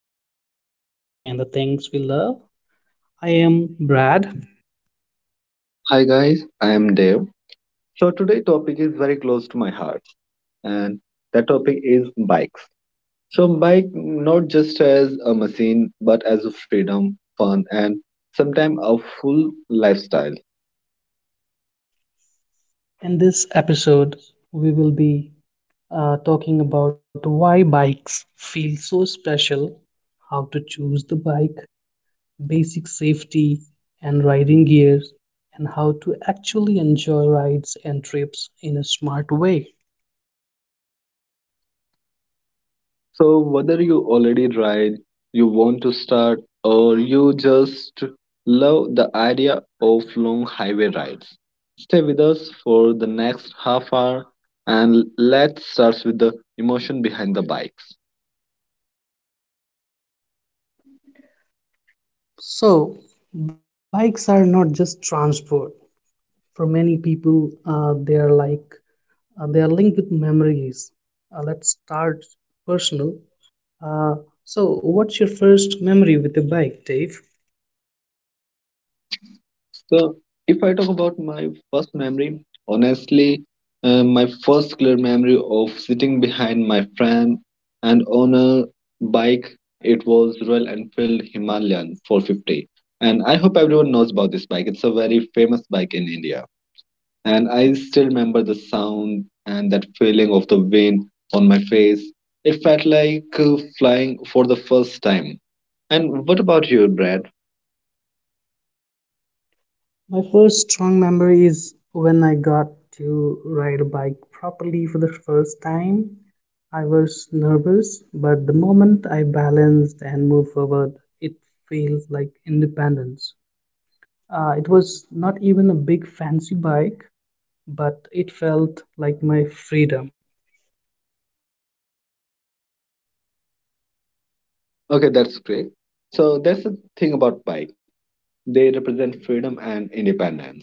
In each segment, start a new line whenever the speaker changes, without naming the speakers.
life, real journeys, and the things we love. I am Brad.
Hi guys, I am Dev. So today topic is very close to my heart and that topic is bikes. So bike not just as a machine but as a freedom, fun and sometimes a full lifestyle.
In this episode, we will be talking about why bikes feel so special, how to choose the bike, basic safety and riding gears, and how to actually enjoy rides and trips in a smart way.
So whether you already ride, you want to start or you just love the idea of long highway rides. Stay with us for the next half hour and let's start with the emotion behind the bikes.
So, bikes are not just transport. For many people, they are linked with memories. Let's start personal. Uh, so, what's your first memory with the bike, Dave?
So, if I talk about my first memory, honestly, my first clear memory of sitting behind my friend and on a bike, it was Royal Enfield Himalayan 450. And I hope everyone knows about this bike. It's a very famous bike in India. And I still remember the sound and that feeling of the wind on my face. It felt like flying for the first time. And what about you, Brad?
My first strong memory is when I got to ride a bike properly for the first time. I was nervous, but the moment I balanced and moved forward, it feels like independence. It was not even a big fancy bike, but it felt like my freedom.
Okay, that's great. So that's the thing about bike. They represent freedom and independence.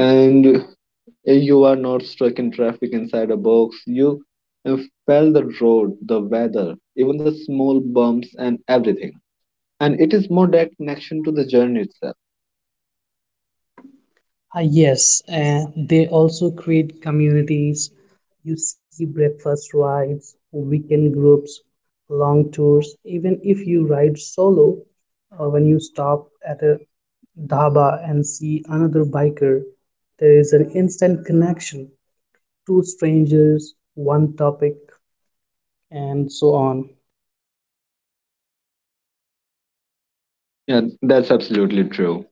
And you are not stuck in traffic inside a box. You uh, felt the road, the weather, even the small bumps and everything. And it is more that connection to the journey itself.
Ah, yes, and they also create communities. You see breakfast rides, weekend groups, long tours. Even if you ride solo, when you stop at a dhaba and see another biker, there is an instant connection. Two strangers, one topic, and so on.
Yeah, that's absolutely true.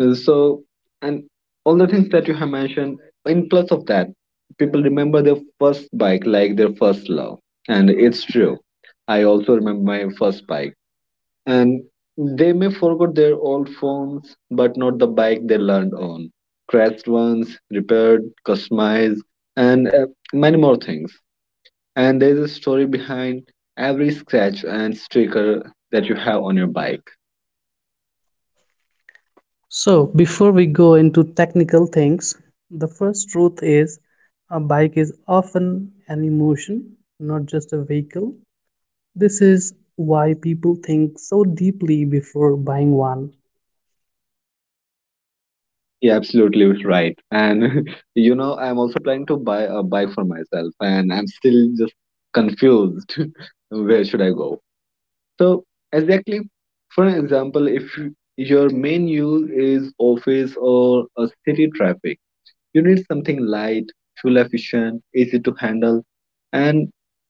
Uh, So, and all the things that you have mentioned, in plus of that, people remember their first bike like their first love. And it's true. I also remember my first bike and they may forgot their old phones but not the bike they learned on crashed ones repaired customized and many more things and there's a story behind every scratch and sticker that you have on your bike.
So, before we go into technical things, the first truth is a bike is often an emotion, not just a vehicle. This is why people think so deeply before buying one.
Yeah, absolutely right. And you know I'm also planning to buy a bike for myself and I'm still just confused. Where should I go? So exactly, for an example, if you- your main use is office or a city traffic, you need something light, fuel efficient, easy to handle, and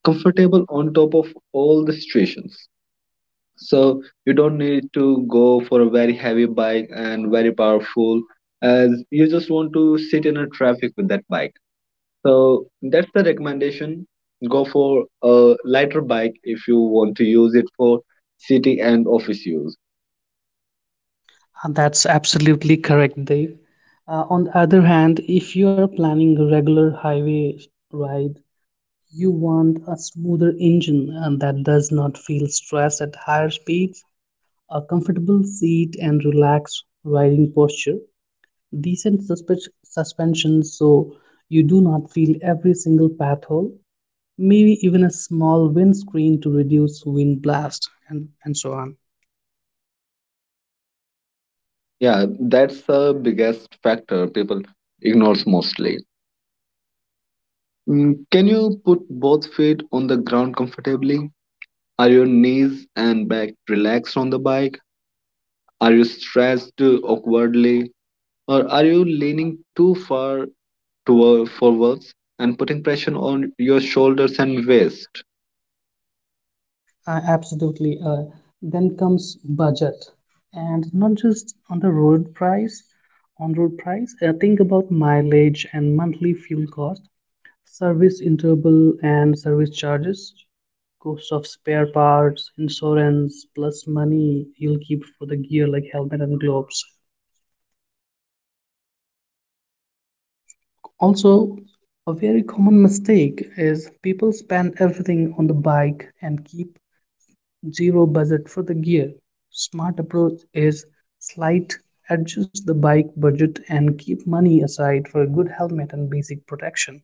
comfortable on top of all the situations. So you don't need to go for a very heavy bike and very powerful, as you just want to sit in a traffic with that bike, so that's the recommendation. Go for a lighter bike if you want to use it for city and office use.
That's absolutely correct, Dave. On the other hand, if you are planning a regular highway ride, you want a smoother engine and that does not feel stress at higher speeds, a comfortable seat, and relaxed riding posture. Decent suspension so you do not feel every single path hole, maybe even a small windscreen to reduce wind blast, and so on.
Yeah, that's the biggest factor people ignores mostly. Can you put both feet on the ground comfortably? Are your knees and back relaxed on the bike? Are you stretched awkwardly? Or are you leaning too far toward forwards and putting pressure on your shoulders and waist?
Absolutely. Then comes budget, and not just on road price, think about mileage and monthly fuel cost, service interval and service charges, cost of spare parts, insurance, plus money you'll keep for the gear like helmet and gloves. Also, a very common mistake is people spend everything on the bike and keep zero budget for the gear. Smart approach is slight adjust the bike budget and keep money aside for a good helmet and basic protection.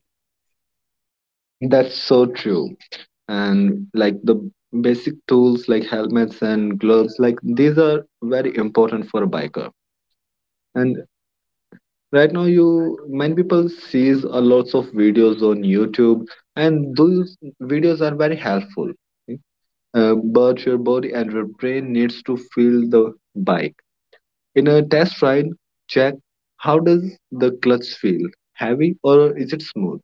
That's so true. And like the basic tools like helmets and gloves, like these are very important for a biker. And right now you, many people sees a lots of videos on YouTube, and those videos are very helpful, but your body and your brain needs to feel the bike in a test ride. Check how does the clutch feel, heavy or is it smooth?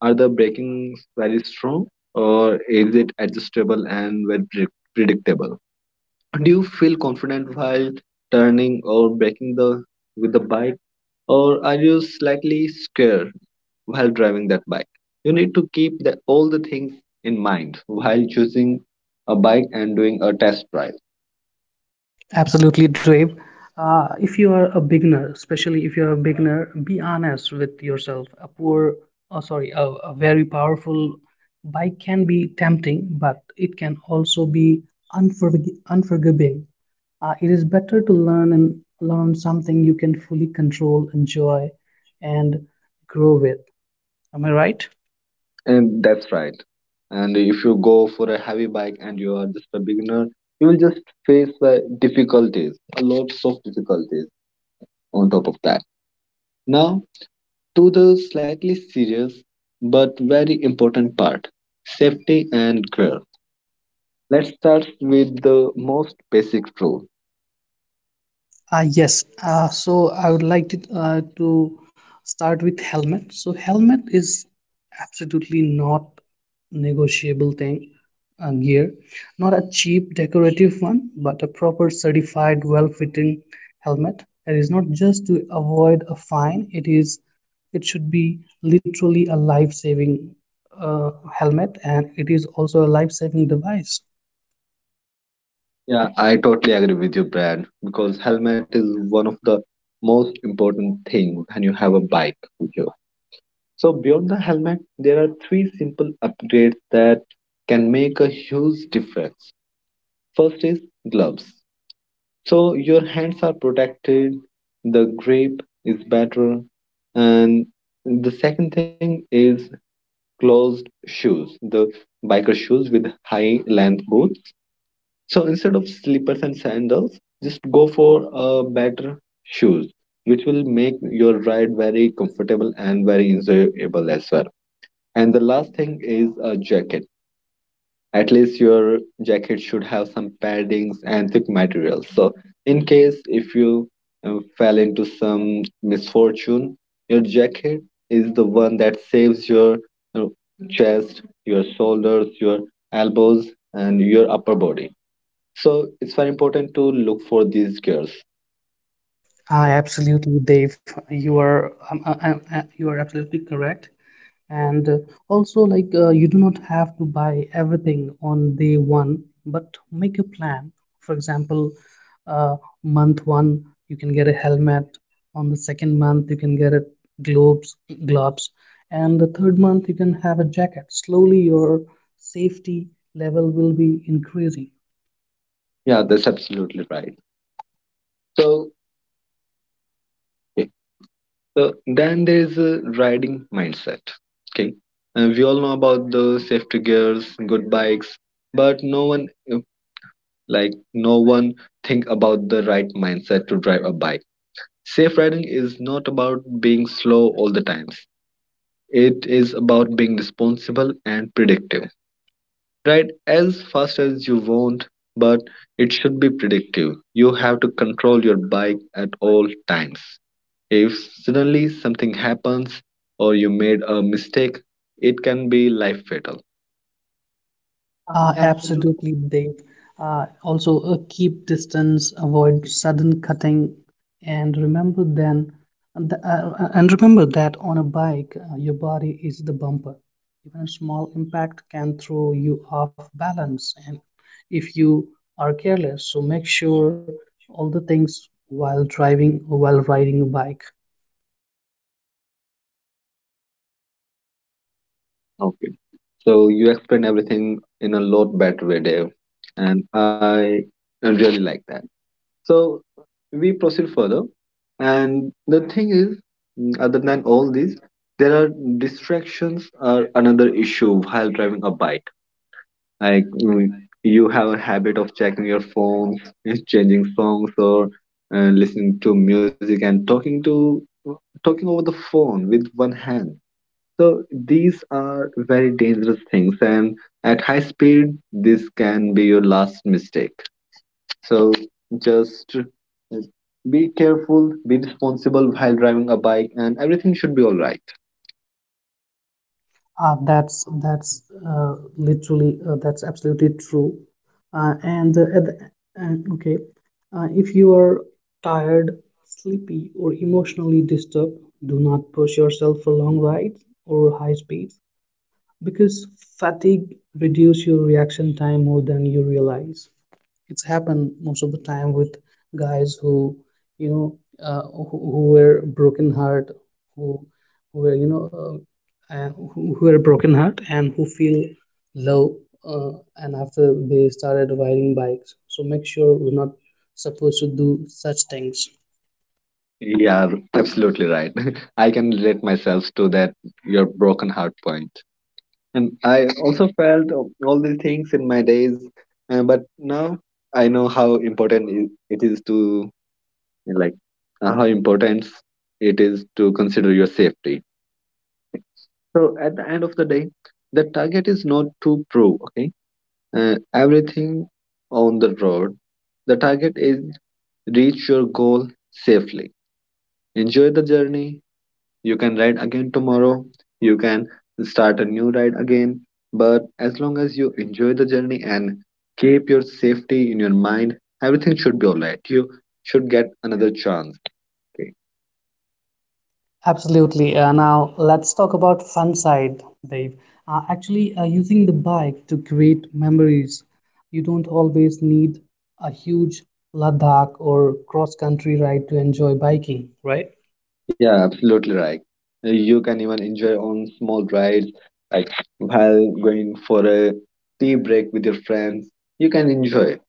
Are the breakings very strong, or is it adjustable and very predictable? Do you feel confident while turning or braking the with the bike, or are you slightly scared while driving that bike? You need to keep all the things in mind while choosing a bike and doing a test drive.
Absolutely, Dave. If you are a beginner, especially if you're a beginner, be honest with yourself. A poor, oh, sorry, a very powerful bike can be tempting, but it can also be unforgiving. It is better to learn something you can fully control, enjoy, and grow with. Am I right?
And that's right. And if you go for a heavy bike and you are just a beginner, you will just face the difficulties, a lots of difficulties on top of that. Now, to the slightly serious but very important part, safety and gear. Let's start with the most basic rule.
Yes, so I would like to start with helmet. So helmet is absolutely not negotiable thing, gear, not a cheap decorative one, but a proper certified, well-fitting helmet that is not just to avoid a fine. It should be literally a life-saving helmet, and it is also a life-saving device.
Yeah, I totally agree with you, Brad, because helmet is one of the most important thing when you have a bike with you. So beyond the helmet, there are three simple upgrades that can make a huge difference. First is gloves. So your hands are protected, the grip is better, and the second thing is closed shoes, the biker shoes with high length boots. So instead of slippers and sandals, just go for a better shoes, which will make your ride very comfortable and very enjoyable as well. And the last thing is a jacket. At least your jacket should have some paddings and thick materials. So, in case if you fell into some misfortune, your jacket is the one that saves your uh, chest, your shoulders, your elbows, and your upper body. So, it's very important to look for these gears.
Ah, absolutely, Dave. You are absolutely correct. And also, like you do not have to buy everything on day one, but make a plan. For example, uh, month one you can get a helmet. On the second month you can get a gloves, gloves, and the third month you can have a jacket. Slowly, your safety level will be increasing.
Yeah, that's absolutely right. So, then there is a riding mindset. Okay, and we all know about the safety gears, good bikes, but no one, uh, no one think about the right mindset to drive a bike. Safe riding is not about being slow all the times. It is about being responsible and predictive. Ride as fast as you want, but it should be predictive. You have to control your bike at all times. If suddenly something happens or you made a mistake, it can be life fatal.
Absolutely, Dave. Also, keep distance, avoid sudden cutting, and remember then, and remember that on a bike, your body is the bumper. Even a small impact can throw you off balance, and if you are careless, so make sure all the things while driving or while riding a bike.
Okay. So you explain everything in a lot better way, Dave, and I really like that. So we proceed further, and the thing is, other than all these, there are distractions are another issue while driving a bike. Like mm, you have a habit of checking your phones, changing songs, or listening to music and talking over the phone with one hand. So these are very dangerous things, and at high speed, this can be your last mistake. So just be careful, be responsible while driving a bike, and everything should be all right.
That's literally that's absolutely true. And at the, and okay, If you are tired, sleepy, or emotionally disturbed, do not push yourself for long rides or high speeds because fatigue reduces your reaction time more than you realize. It's happened most of the time with guys who you know uh, who were broken heart, who who were who were broken heart and who feel low, uh, and after they started riding bikes, so make sure we're not supposed to do such things.
Yeah, absolutely right. I can relate myself to that, your broken heart point. And I also felt all these things in my days, but now I know how it is to like how important it is to consider your safety. So at the end of the day, the target is not to prove okay uh, everything on the road. The target is reach your goal safely. Enjoy the journey. You can ride again tomorrow. You can start a new ride again. But as long as you enjoy the journey and keep your safety in your mind, everything should be alright. You should get another chance. Okay.
Absolutely. Now let's talk about fun side, Dave. Actually, using the bike to create memories. You don't always need a huge Ladakh or cross-country ride to enjoy biking, right?
Yeah, absolutely right. You can even enjoy on small rides, like while going for a tea break with your friends. You can enjoy.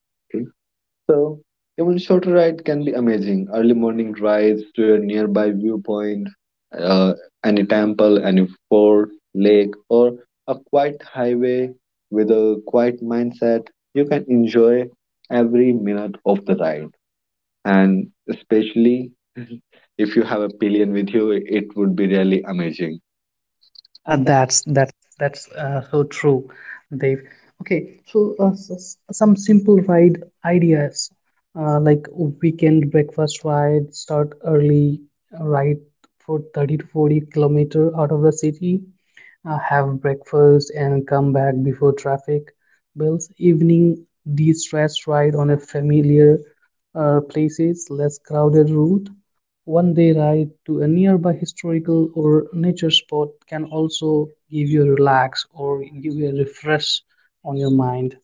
So, even shorter ride can be amazing. Early morning drives to a nearby viewpoint, uh, any temple, any fort, lake, or a quiet highway with a quiet mindset. You can enjoy every minute of the ride, and especially if you have a pillion with you, it would be really amazing.
Uh, that's that's that's so true, Dave. Okay, so some simple ride ideas, like weekend breakfast ride, start early, ride for 30 to 40 kilometer out of the city, have breakfast and come back before traffic builds. Evening de-stress ride on a familiar, places, less crowded route. One day ride to a nearby historical or nature spot can also give you a relax or give you a refresh on your mind.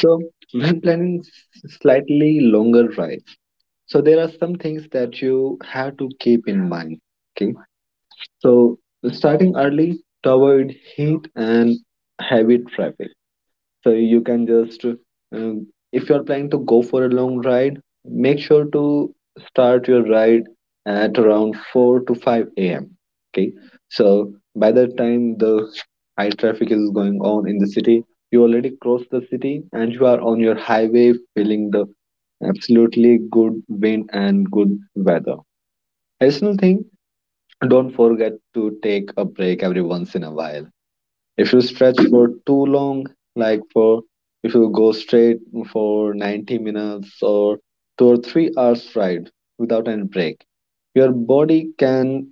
So, when planning slightly longer rides, so there are some things that you have to keep in mind. Okay. So starting early to avoid heat and heavy traffic. So you can just, if you're planning to go for a long ride, make sure to start your ride at around 4 to 5 a.m. Okay. So by the time the high traffic is going on in the city, you already crossed the city and you are on your highway feeling the absolutely good wind and good weather. Additional thing, don't forget to take a break every once in a while. If you stretch for too long, like for if you go straight for 90 minutes or 2 or 3 hours ride without any break, your body can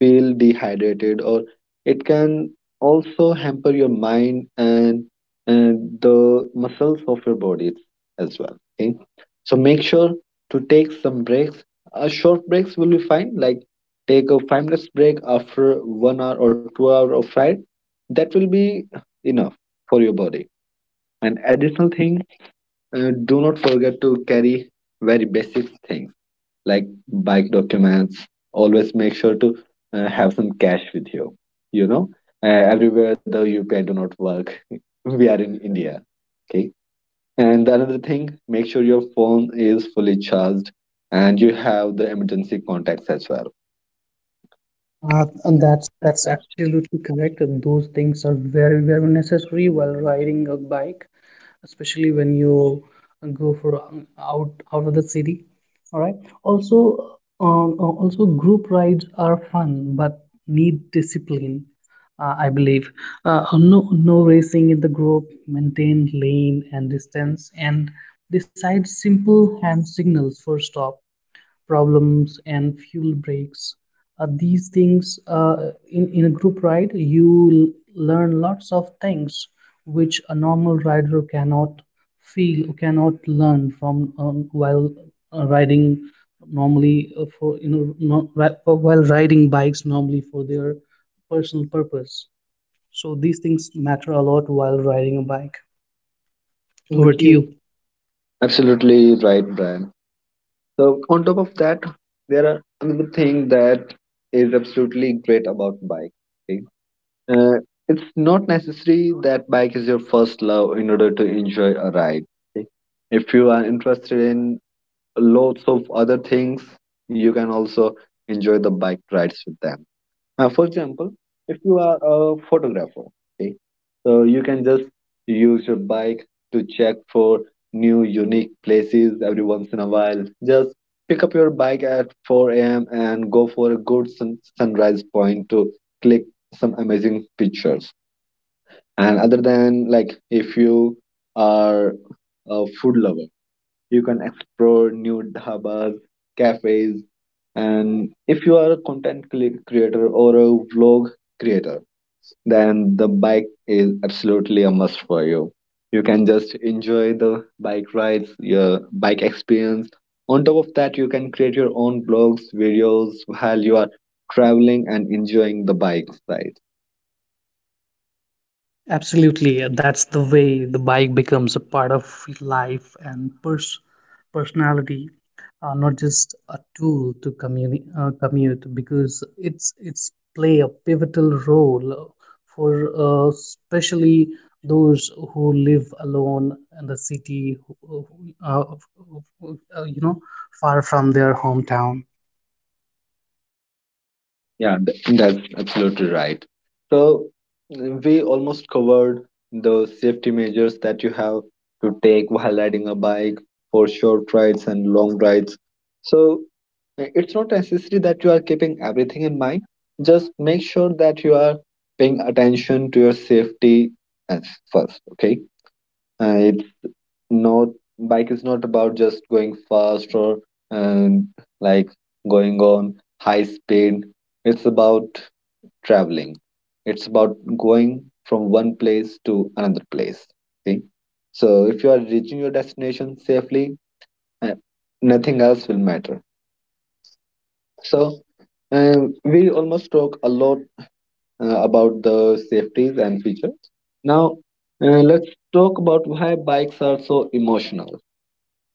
feel dehydrated or it can also hamper your mind and the muscles of your body as well. Okay, so make sure to take some breaks. Short breaks will be fine, like take a 5 minutes break after 1 hour or 2 hour of ride. That will be enough for your body. And additional thing, do not forget to carry very basic things like bike documents. Always make sure to have some cash with you. You know, everywhere the UPI do not work. We are in India. Okay. And the another thing, make sure your phone is fully charged and you have the emergency contacts as well.
And that's absolutely correct. And those things are very, very necessary while riding a bike, especially when you go for out of the city. All right. Also, group rides are fun, but need discipline. I believe. No, no racing in the group. Maintain lane and distance, and decide simple hand signals for stop problems and fuel breaks. These things, in a group ride you learn lots of things which a normal rider cannot feel cannot learn from, while riding normally, for you know no, ri- for- while riding bikes normally for their personal purpose, so these things matter a lot while riding a bike. Over to you.
Absolutely right, Brian. So on top of that, there are another thing that is absolutely great about bike. Okay? Uh, it's not necessary that bike is your first love in order to enjoy a ride. Okay? If you are interested in lots of other things, you can also enjoy the bike rides with them. For example, if you are a photographer, okay, so you can just use your bike to check for new unique places every once in a while. Just pick up your bike at 4 a.m. and go for a good sunrise point to click some amazing pictures. And other than like if you are a food lover, you can explore new dhabas, cafes, and if you are a content creator or a vlog creator, then the bike is absolutely a must for you. You can just enjoy the bike rides, your bike experience. On top of that, you can create your own blogs, videos while you are traveling and enjoying the bike ride.
Absolutely, that's the way the bike becomes a part of life and personality, not just a tool to commute. Because it's play a pivotal role for, especially those who live alone in the city, who- who- uh, you know, far from their hometown.
Yeah, that's absolutely right. So we almost covered the safety measures that you have to take while riding a bike for short rides and long rides. So it's not necessary that you are keeping everything in mind. Just make sure that you are paying attention to your safety as first. Okay, it's not bike is not about just going fast or um, like going on high speed. It's about traveling. It's about going from one place to another place. See? So if you are reaching your destination safely, uh, nothing else will matter. So we almost talk a lot about the safeties and features. Now let's talk about why bikes are so emotional,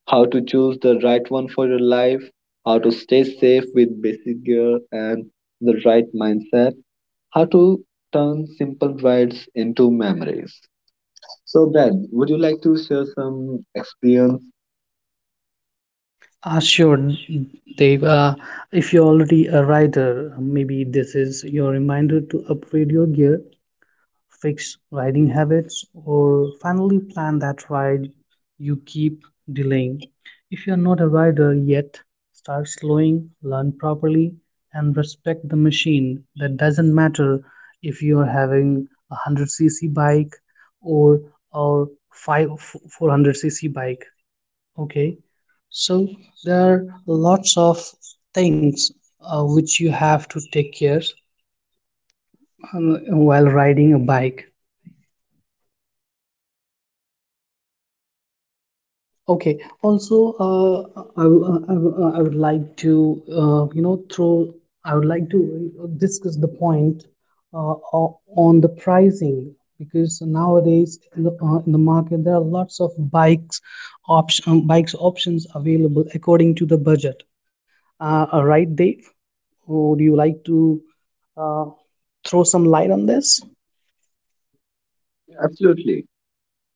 how to choose the right one for your life, how to stay safe with basic gear and the right mindset, how to turn simple rides into memories. So, Ben, would you like to share some experience?
Sure, Dave. If you're already a rider, maybe this is your reminder to upgrade your gear, fix riding habits, or finally plan that ride you keep delaying. If you're not a rider yet, start slowing, learn properly, and respect the machine. That doesn't matter if you're having a 100cc bike or or 5 400cc bike. Okay, so there are lots of things, which you have to take care, while riding a bike. Okay, also I would like to discuss the point, uh, on the pricing, because nowadays in the, in the market there are lots of bikes options available according to the budget, right, Dave? Would you like to uh, throw some light on this?
Absolutely.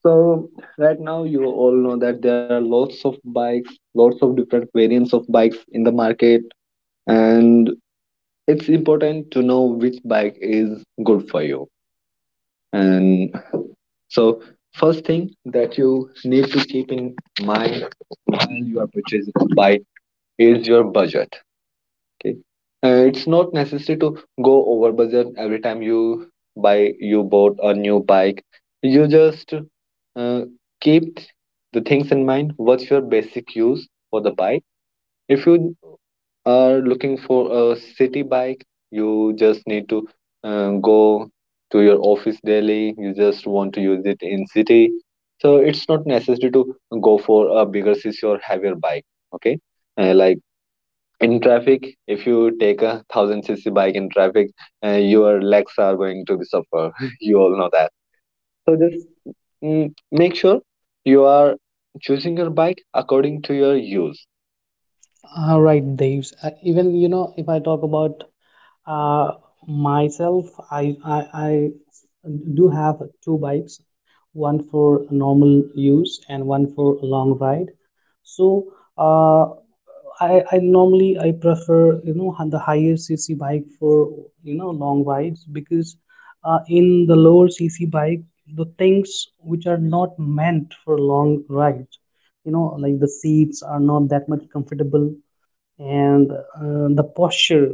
So right now, you all know that there are lots of bikes, lots of different variants of bikes in the market, and it's important to know which bike is good for you. And so, first thing that you need to keep in mind while you are purchasing a bike is your budget. Okay. It's not necessary to go over budget every time you bought a new bike. You just uh, keep the things in mind. What's your basic use for the bike? If you are looking for a city bike, you just need to go to your office daily. You just want to use it in city, so it's not necessary to go for a bigger city or heavier bike. Okay, like in traffic, if you take a 1000cc bike in traffic, your legs are going to be suffer. You all know that. So just mm, make sure you are choosing your bike according to your use.
Right, Deves. Even you know, if I talk about uh, myself, I do have two bikes, one for normal use and one for long ride. So uh, I normally I prefer, you know, the higher CC bike for, you know, long rides because, in the lower CC bike the things which are not meant for long rides, you know, like the seats are not that much comfortable, and the posture,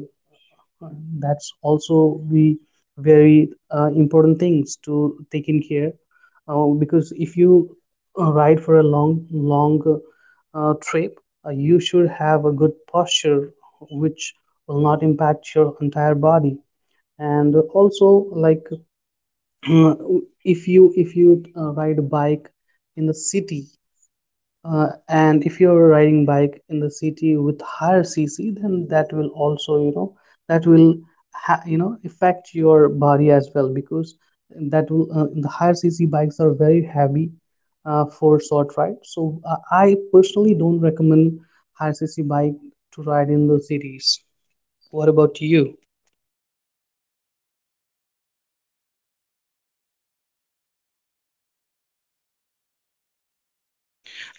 that's also we very, important things to take in care, because if you, ride for a long, long trip, you should have a good posture which will not impact your entire body, and also like if you ride a bike in the city, and if you're riding bike in the city with higher cc, then that will also you know that will ha- you know affect your body as well, because that will the higher cc bikes are very heavy, for short ride, so I personally don't recommend higher cc bike to ride in the cities. What about you?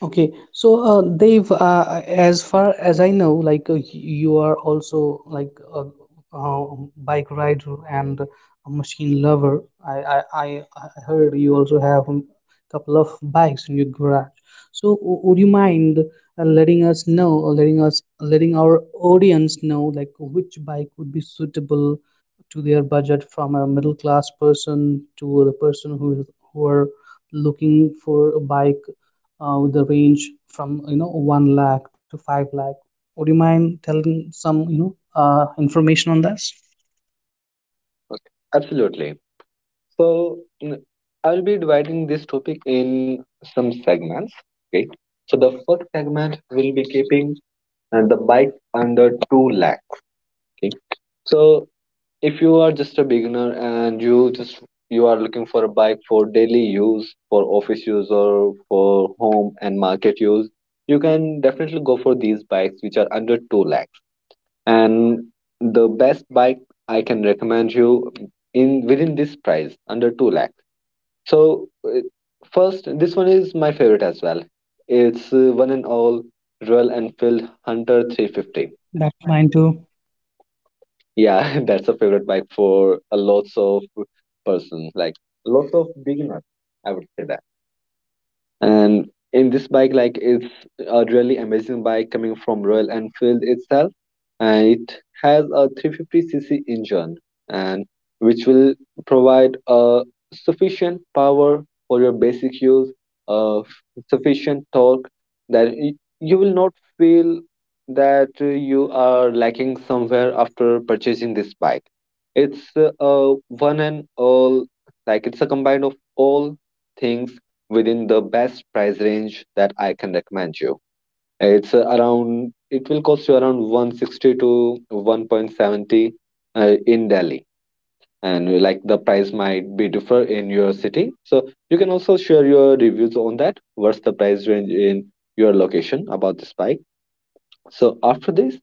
Okay, so Dave, as far as I know, like you are also like a, uh bike rider and a machine lover. I I heard you also have a couple of bikes in your garage. So would you mind, letting us know, or letting our audience know, like which bike would be suitable to their budget, from a middle class person to the person who are looking for a bike, with the range from, you know, 1 lakh to 5 lakh. Would you mind telling some, information on this?
Okay, absolutely. So mm, I'll be dividing this topic in some segments. Okay, so the first segment will be keeping the bike under 2 lakh. Okay, so if you are just a beginner and you are looking for a bike for daily use, for office use, or for home and market use, you can definitely go for these bikes which are under 2 lakhs. And the best bike I can recommend you in within this price under 2 lakhs. So first, this one is my favorite as well. It's one and all, Royal Enfield Hunter 350.
That mine too.
Yeah, that's a favorite bike for a lots of person, like lots of beginners, I would say that. And in this bike, like, it's a really amazing bike coming from Royal Enfield itself, and it has a 350cc engine, and which will provide a sufficient power for your basic use, of sufficient torque, that you will not feel that you are lacking somewhere after purchasing this bike. It's a one and all, like it's a combine of all things within the best price range that I can recommend you. It's around, it will cost you around 160 to 1.70 in Delhi. And like the price might be differ in your city. So you can also share your reviews on that. What's the price range in your location about this bike? So after this,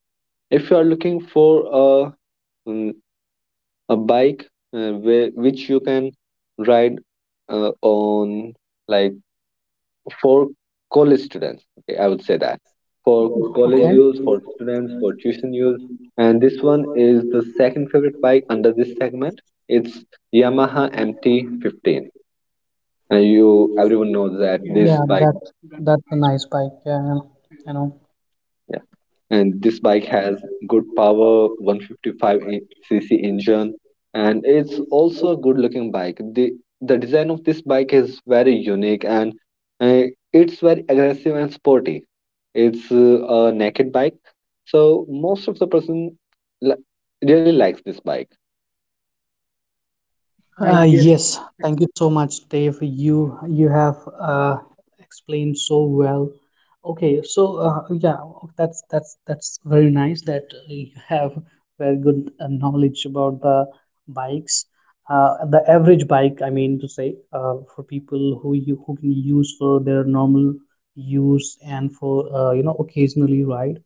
if you are looking for a, a bike which you can ride on like for college students. Okay, I would say that for college
Okay.
use, for students, for tuition use, and this one is the second favorite bike under this segment. It's Yamaha MT15, and you everyone knows that this
Yeah,
bike.
that that's a nice bike. Yeah, I know.
And this bike has good power, 155 cc engine, and it's also a good looking bike. The design of this bike is very unique, and uh, it's very aggressive and sporty. It's a naked bike, so most of the person li- really likes this bike.
Yes, thank you so much, Dave. You have explained so well. Okay, so yeah, that's very nice that you have very good knowledge about the bikes. The average bike, I mean to say, for people who can use for their normal use and for you know occasionally ride.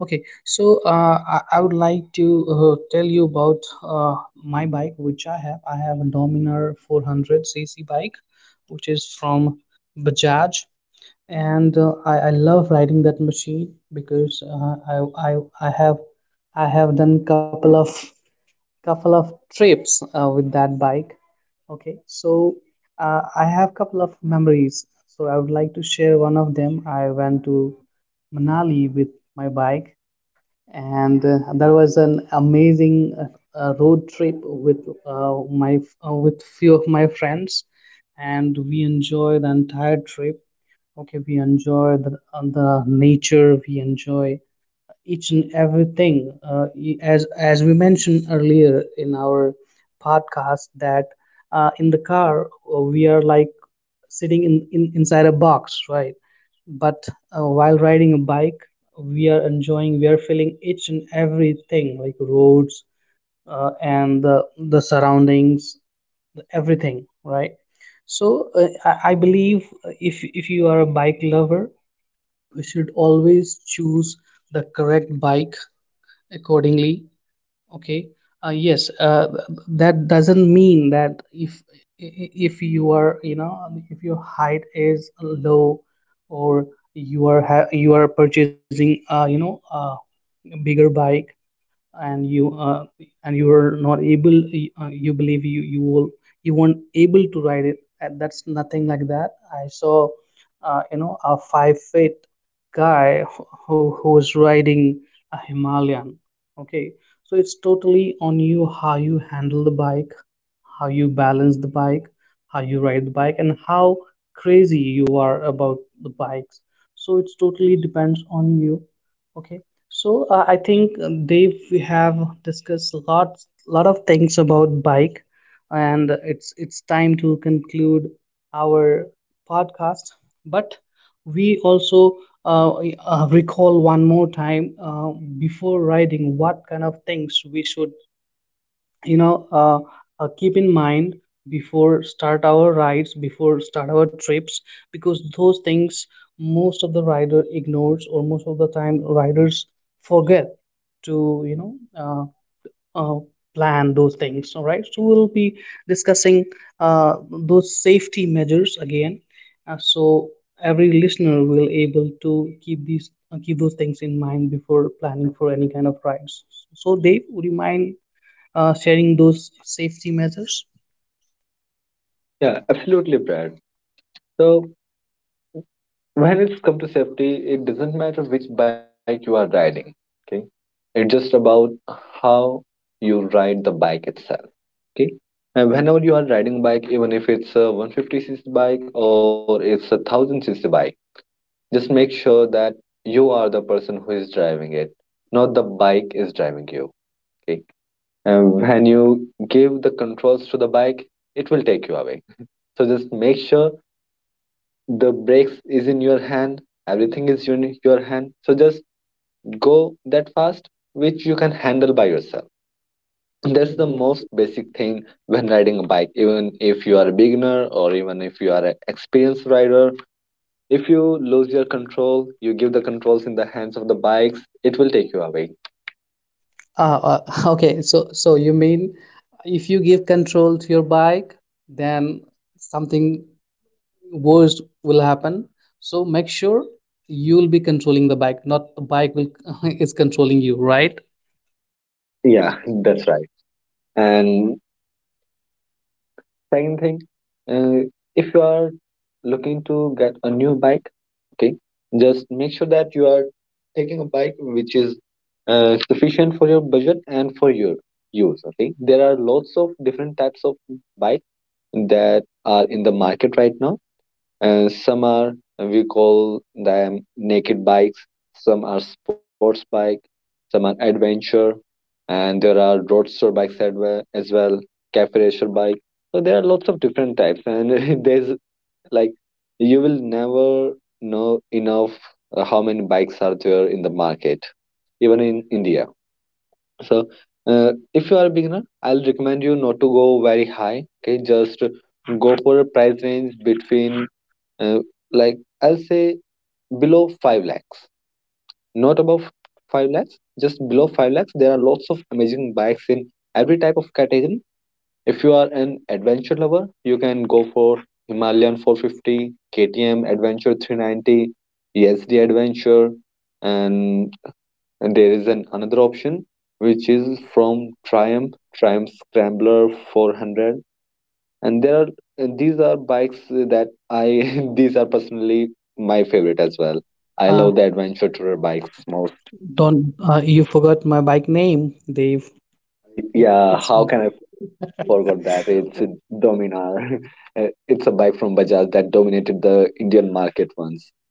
I would like to tell you about my bike, which I have. I have a Dominar 400cc bike, which is from Bajaj, and I love riding that machine because I have I have done couple of trips with that bike. Okay, so I have couple of memories. So I would like to share one of them. I went to Manali with my bike and there was an amazing road trip with my with few of my friends, and we enjoy the entire trip. Okay, we enjoy the nature, we enjoy each and everything. As we mentioned earlier in our podcast that in the car we are like sitting in inside a box, right? But while riding a bike, we are enjoying, we are feeling each and everything, like roads and the surroundings, everything, right? So I believe, if you are a bike lover, you should always choose the correct bike accordingly. Okay. Yes. That doesn't mean that if you are if your height is low, or you are you are purchasing a bigger bike, and you uh, and you are not able, you believe you you will you weren't able to ride it, and that's nothing like that. I saw a 5 feet guy who was riding a Himalayan. Okay. So it's totally on you, how you handle the bike, how you balance the bike, how you ride the bike, and how crazy you are about the bikes. So it's totally depends on you. Okay, I think, Dave, we have discussed lot of things about bike, and it's time to conclude our podcast. But we also recall one more time, before riding, what kind of things we should, you know uh, keep in mind before start our rides, before start our trips, because those things, most of the rider ignores, or most of the time riders forget to, uh, uh, plan those things. All right, so we'll be discussing those safety measures again, so every listener will able to keep these keep those things in mind before planning for any kind of rides. So Dave, would you mind sharing those safety measures?
Yeah, absolutely, Brad. So when it's come to safety, it doesn't matter which bike you are riding. Okay, it's just about how you ride the bike itself. Okay. And whenever you are riding bike, even if it's a 150cc bike or it's a 1000cc bike, just make sure that you are the person who is driving it, not the bike is driving you. Okay. And when you give the controls to the bike, it will take you away. So just make sure the brakes is in your hand, everything is in your hand. So just go that fast, which you can handle by yourself. That's the most basic thing when riding a bike, even if you are a beginner or even if you are an experienced rider. If you lose your control, you give the controls in the hands of the bikes, it will take you away.
Uh, uh, okay, so you mean if you give control to your bike, then something worse will happen. So make sure you'll be controlling the bike, not the bike will is controlling you, right?
Yeah, that's right. And second thing, uh, if you are looking to get a new bike, okay, just make sure that you are taking a bike which is sufficient for your budget and for your use. Okay, there are lots of different types of bikes that are in the market right now. And some are, we call them naked bikes, some are sports bike, some are adventure, and there are roadster bikes as well, cafe racer bike. So there are lots of different types, and there's like you will never know enough how many bikes are there in the market, even in India. So, if you are a beginner, I'll recommend you not to go very high. Okay, just go for a price range between, uh, I'll say, below five lakhs, not above five lakhs, just below five lakhs. There are lots of amazing bikes in every type of category. If you are an adventure lover, you can go for Himalayan 450, KTM Adventure 390, ESD Adventure, and there is an another option which is from Triumph, Triumph Scrambler 400, and there are, and these are bikes that I, these are personally my favorite as well. I
Uh,
love the adventure tourer bikes most.
don't you forgot my bike name, Dave?
I,
It, yeah,
yeah,
it's
how
okay.
can I
Can
forget that? It's a Dominar. It's a bike from Bajaj that dominated the Indian market once.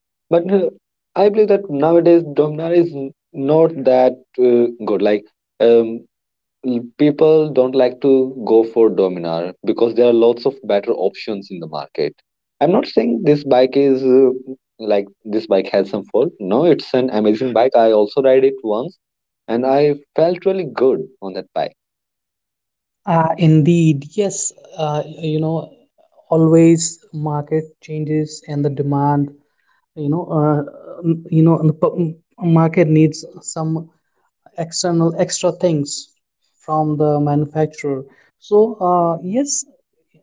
But I believe that nowadays Dominar is not that good. Like um, people don't like to go for Dominar because there are lots of better options in the market. I'm not saying this bike is this bike has some fault. No, it's an amazing bike. I also ride it once and I felt really good on that bike.
Indeed, yes. Uh, you know, always market changes and the demand, you know uh, you know the market needs some external extra things from the manufacturer. So yes,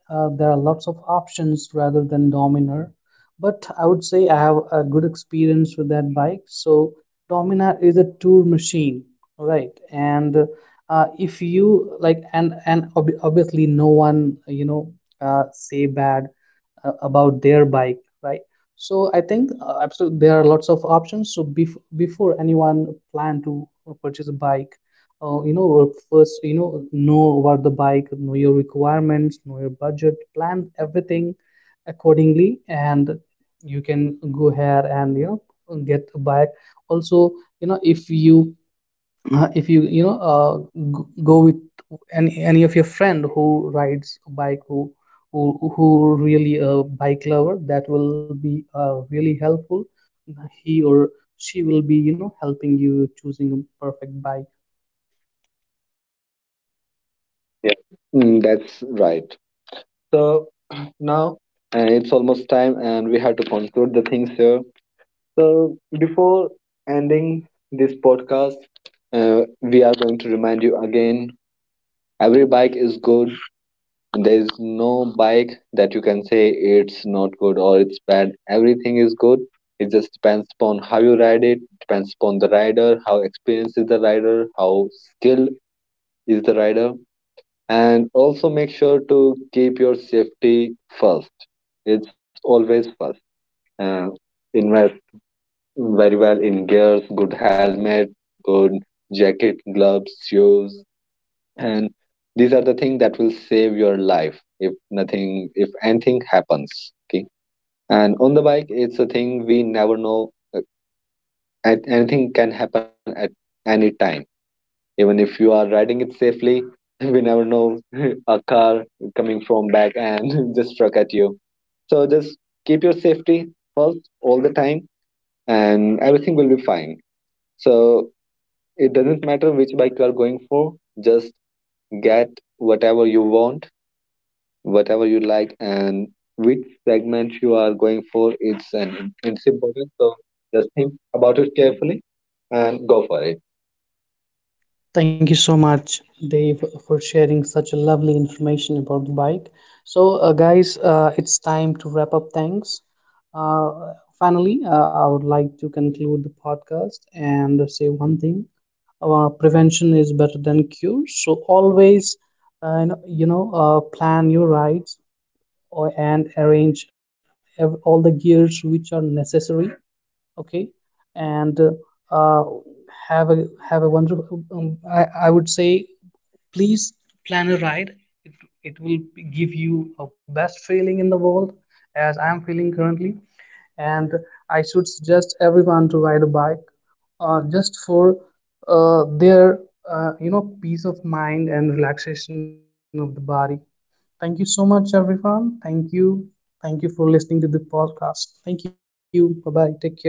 there are lots of options rather than Dominar. But I would say I have a good experience with that bike. So Dominar is a tour machine, right? And if you like, and ob obviously no one, say bad about their bike, right? So I think, absolutely there are lots of options. So before anyone plan to purchase a bike, first, you know about the bike, know your requirements, know your budget, plan everything accordingly, and you can go ahead and you know get a bike. Also, you know, if you you know go with any of your friend who rides a bike, who who who really a bike lover, that will be really helpful. He or she will be, you know, helping you choosing a perfect bike.
Yeah. That's right. So now, and it's almost time and we have to conclude the things here. So before ending this podcast, we are going to remind you again, every bike is good. There's no bike that you can say it's not good or it's bad. Everything is good. It just depends upon how you ride it, depends upon the rider, how experienced is the rider, how skilled is the rider. And also make sure to keep your safety first. It's always first. Uh, invest very well in gears, good helmet, good jacket, gloves, shoes, and these are the things that will save your life if nothing if anything happens. Okay, and on the bike, it's a thing we never know. Uh, anything can happen at any time, even if you are riding it safely. We never know, a car coming from back and just struck at you. So just keep your safety first all the time and everything will be fine. So it doesn't matter which bike you are going for, just get whatever you want, whatever you like, and which segment you are going for. It's important. So just think about it carefully and go for it.
Thank you so much, Dave, for sharing such a lovely information about the bike. So, guys, it's time to wrap up things. Uh, Finally, I would like to conclude the podcast and say one thing. Prevention is better than cure. So always, plan your rides or and arrange all the gears which are necessary. Okay. And uh, have a wonderful, I would say, please plan a ride. it, it will give you a best feeling in the world, as I am feeling currently. And I should suggest everyone to ride a bike, just for their peace of mind and relaxation of the body. Thank you so much, everyone. Thank you. Thank you for listening to the podcast. Thank you. Bye bye. Take care, and have a wonderful day.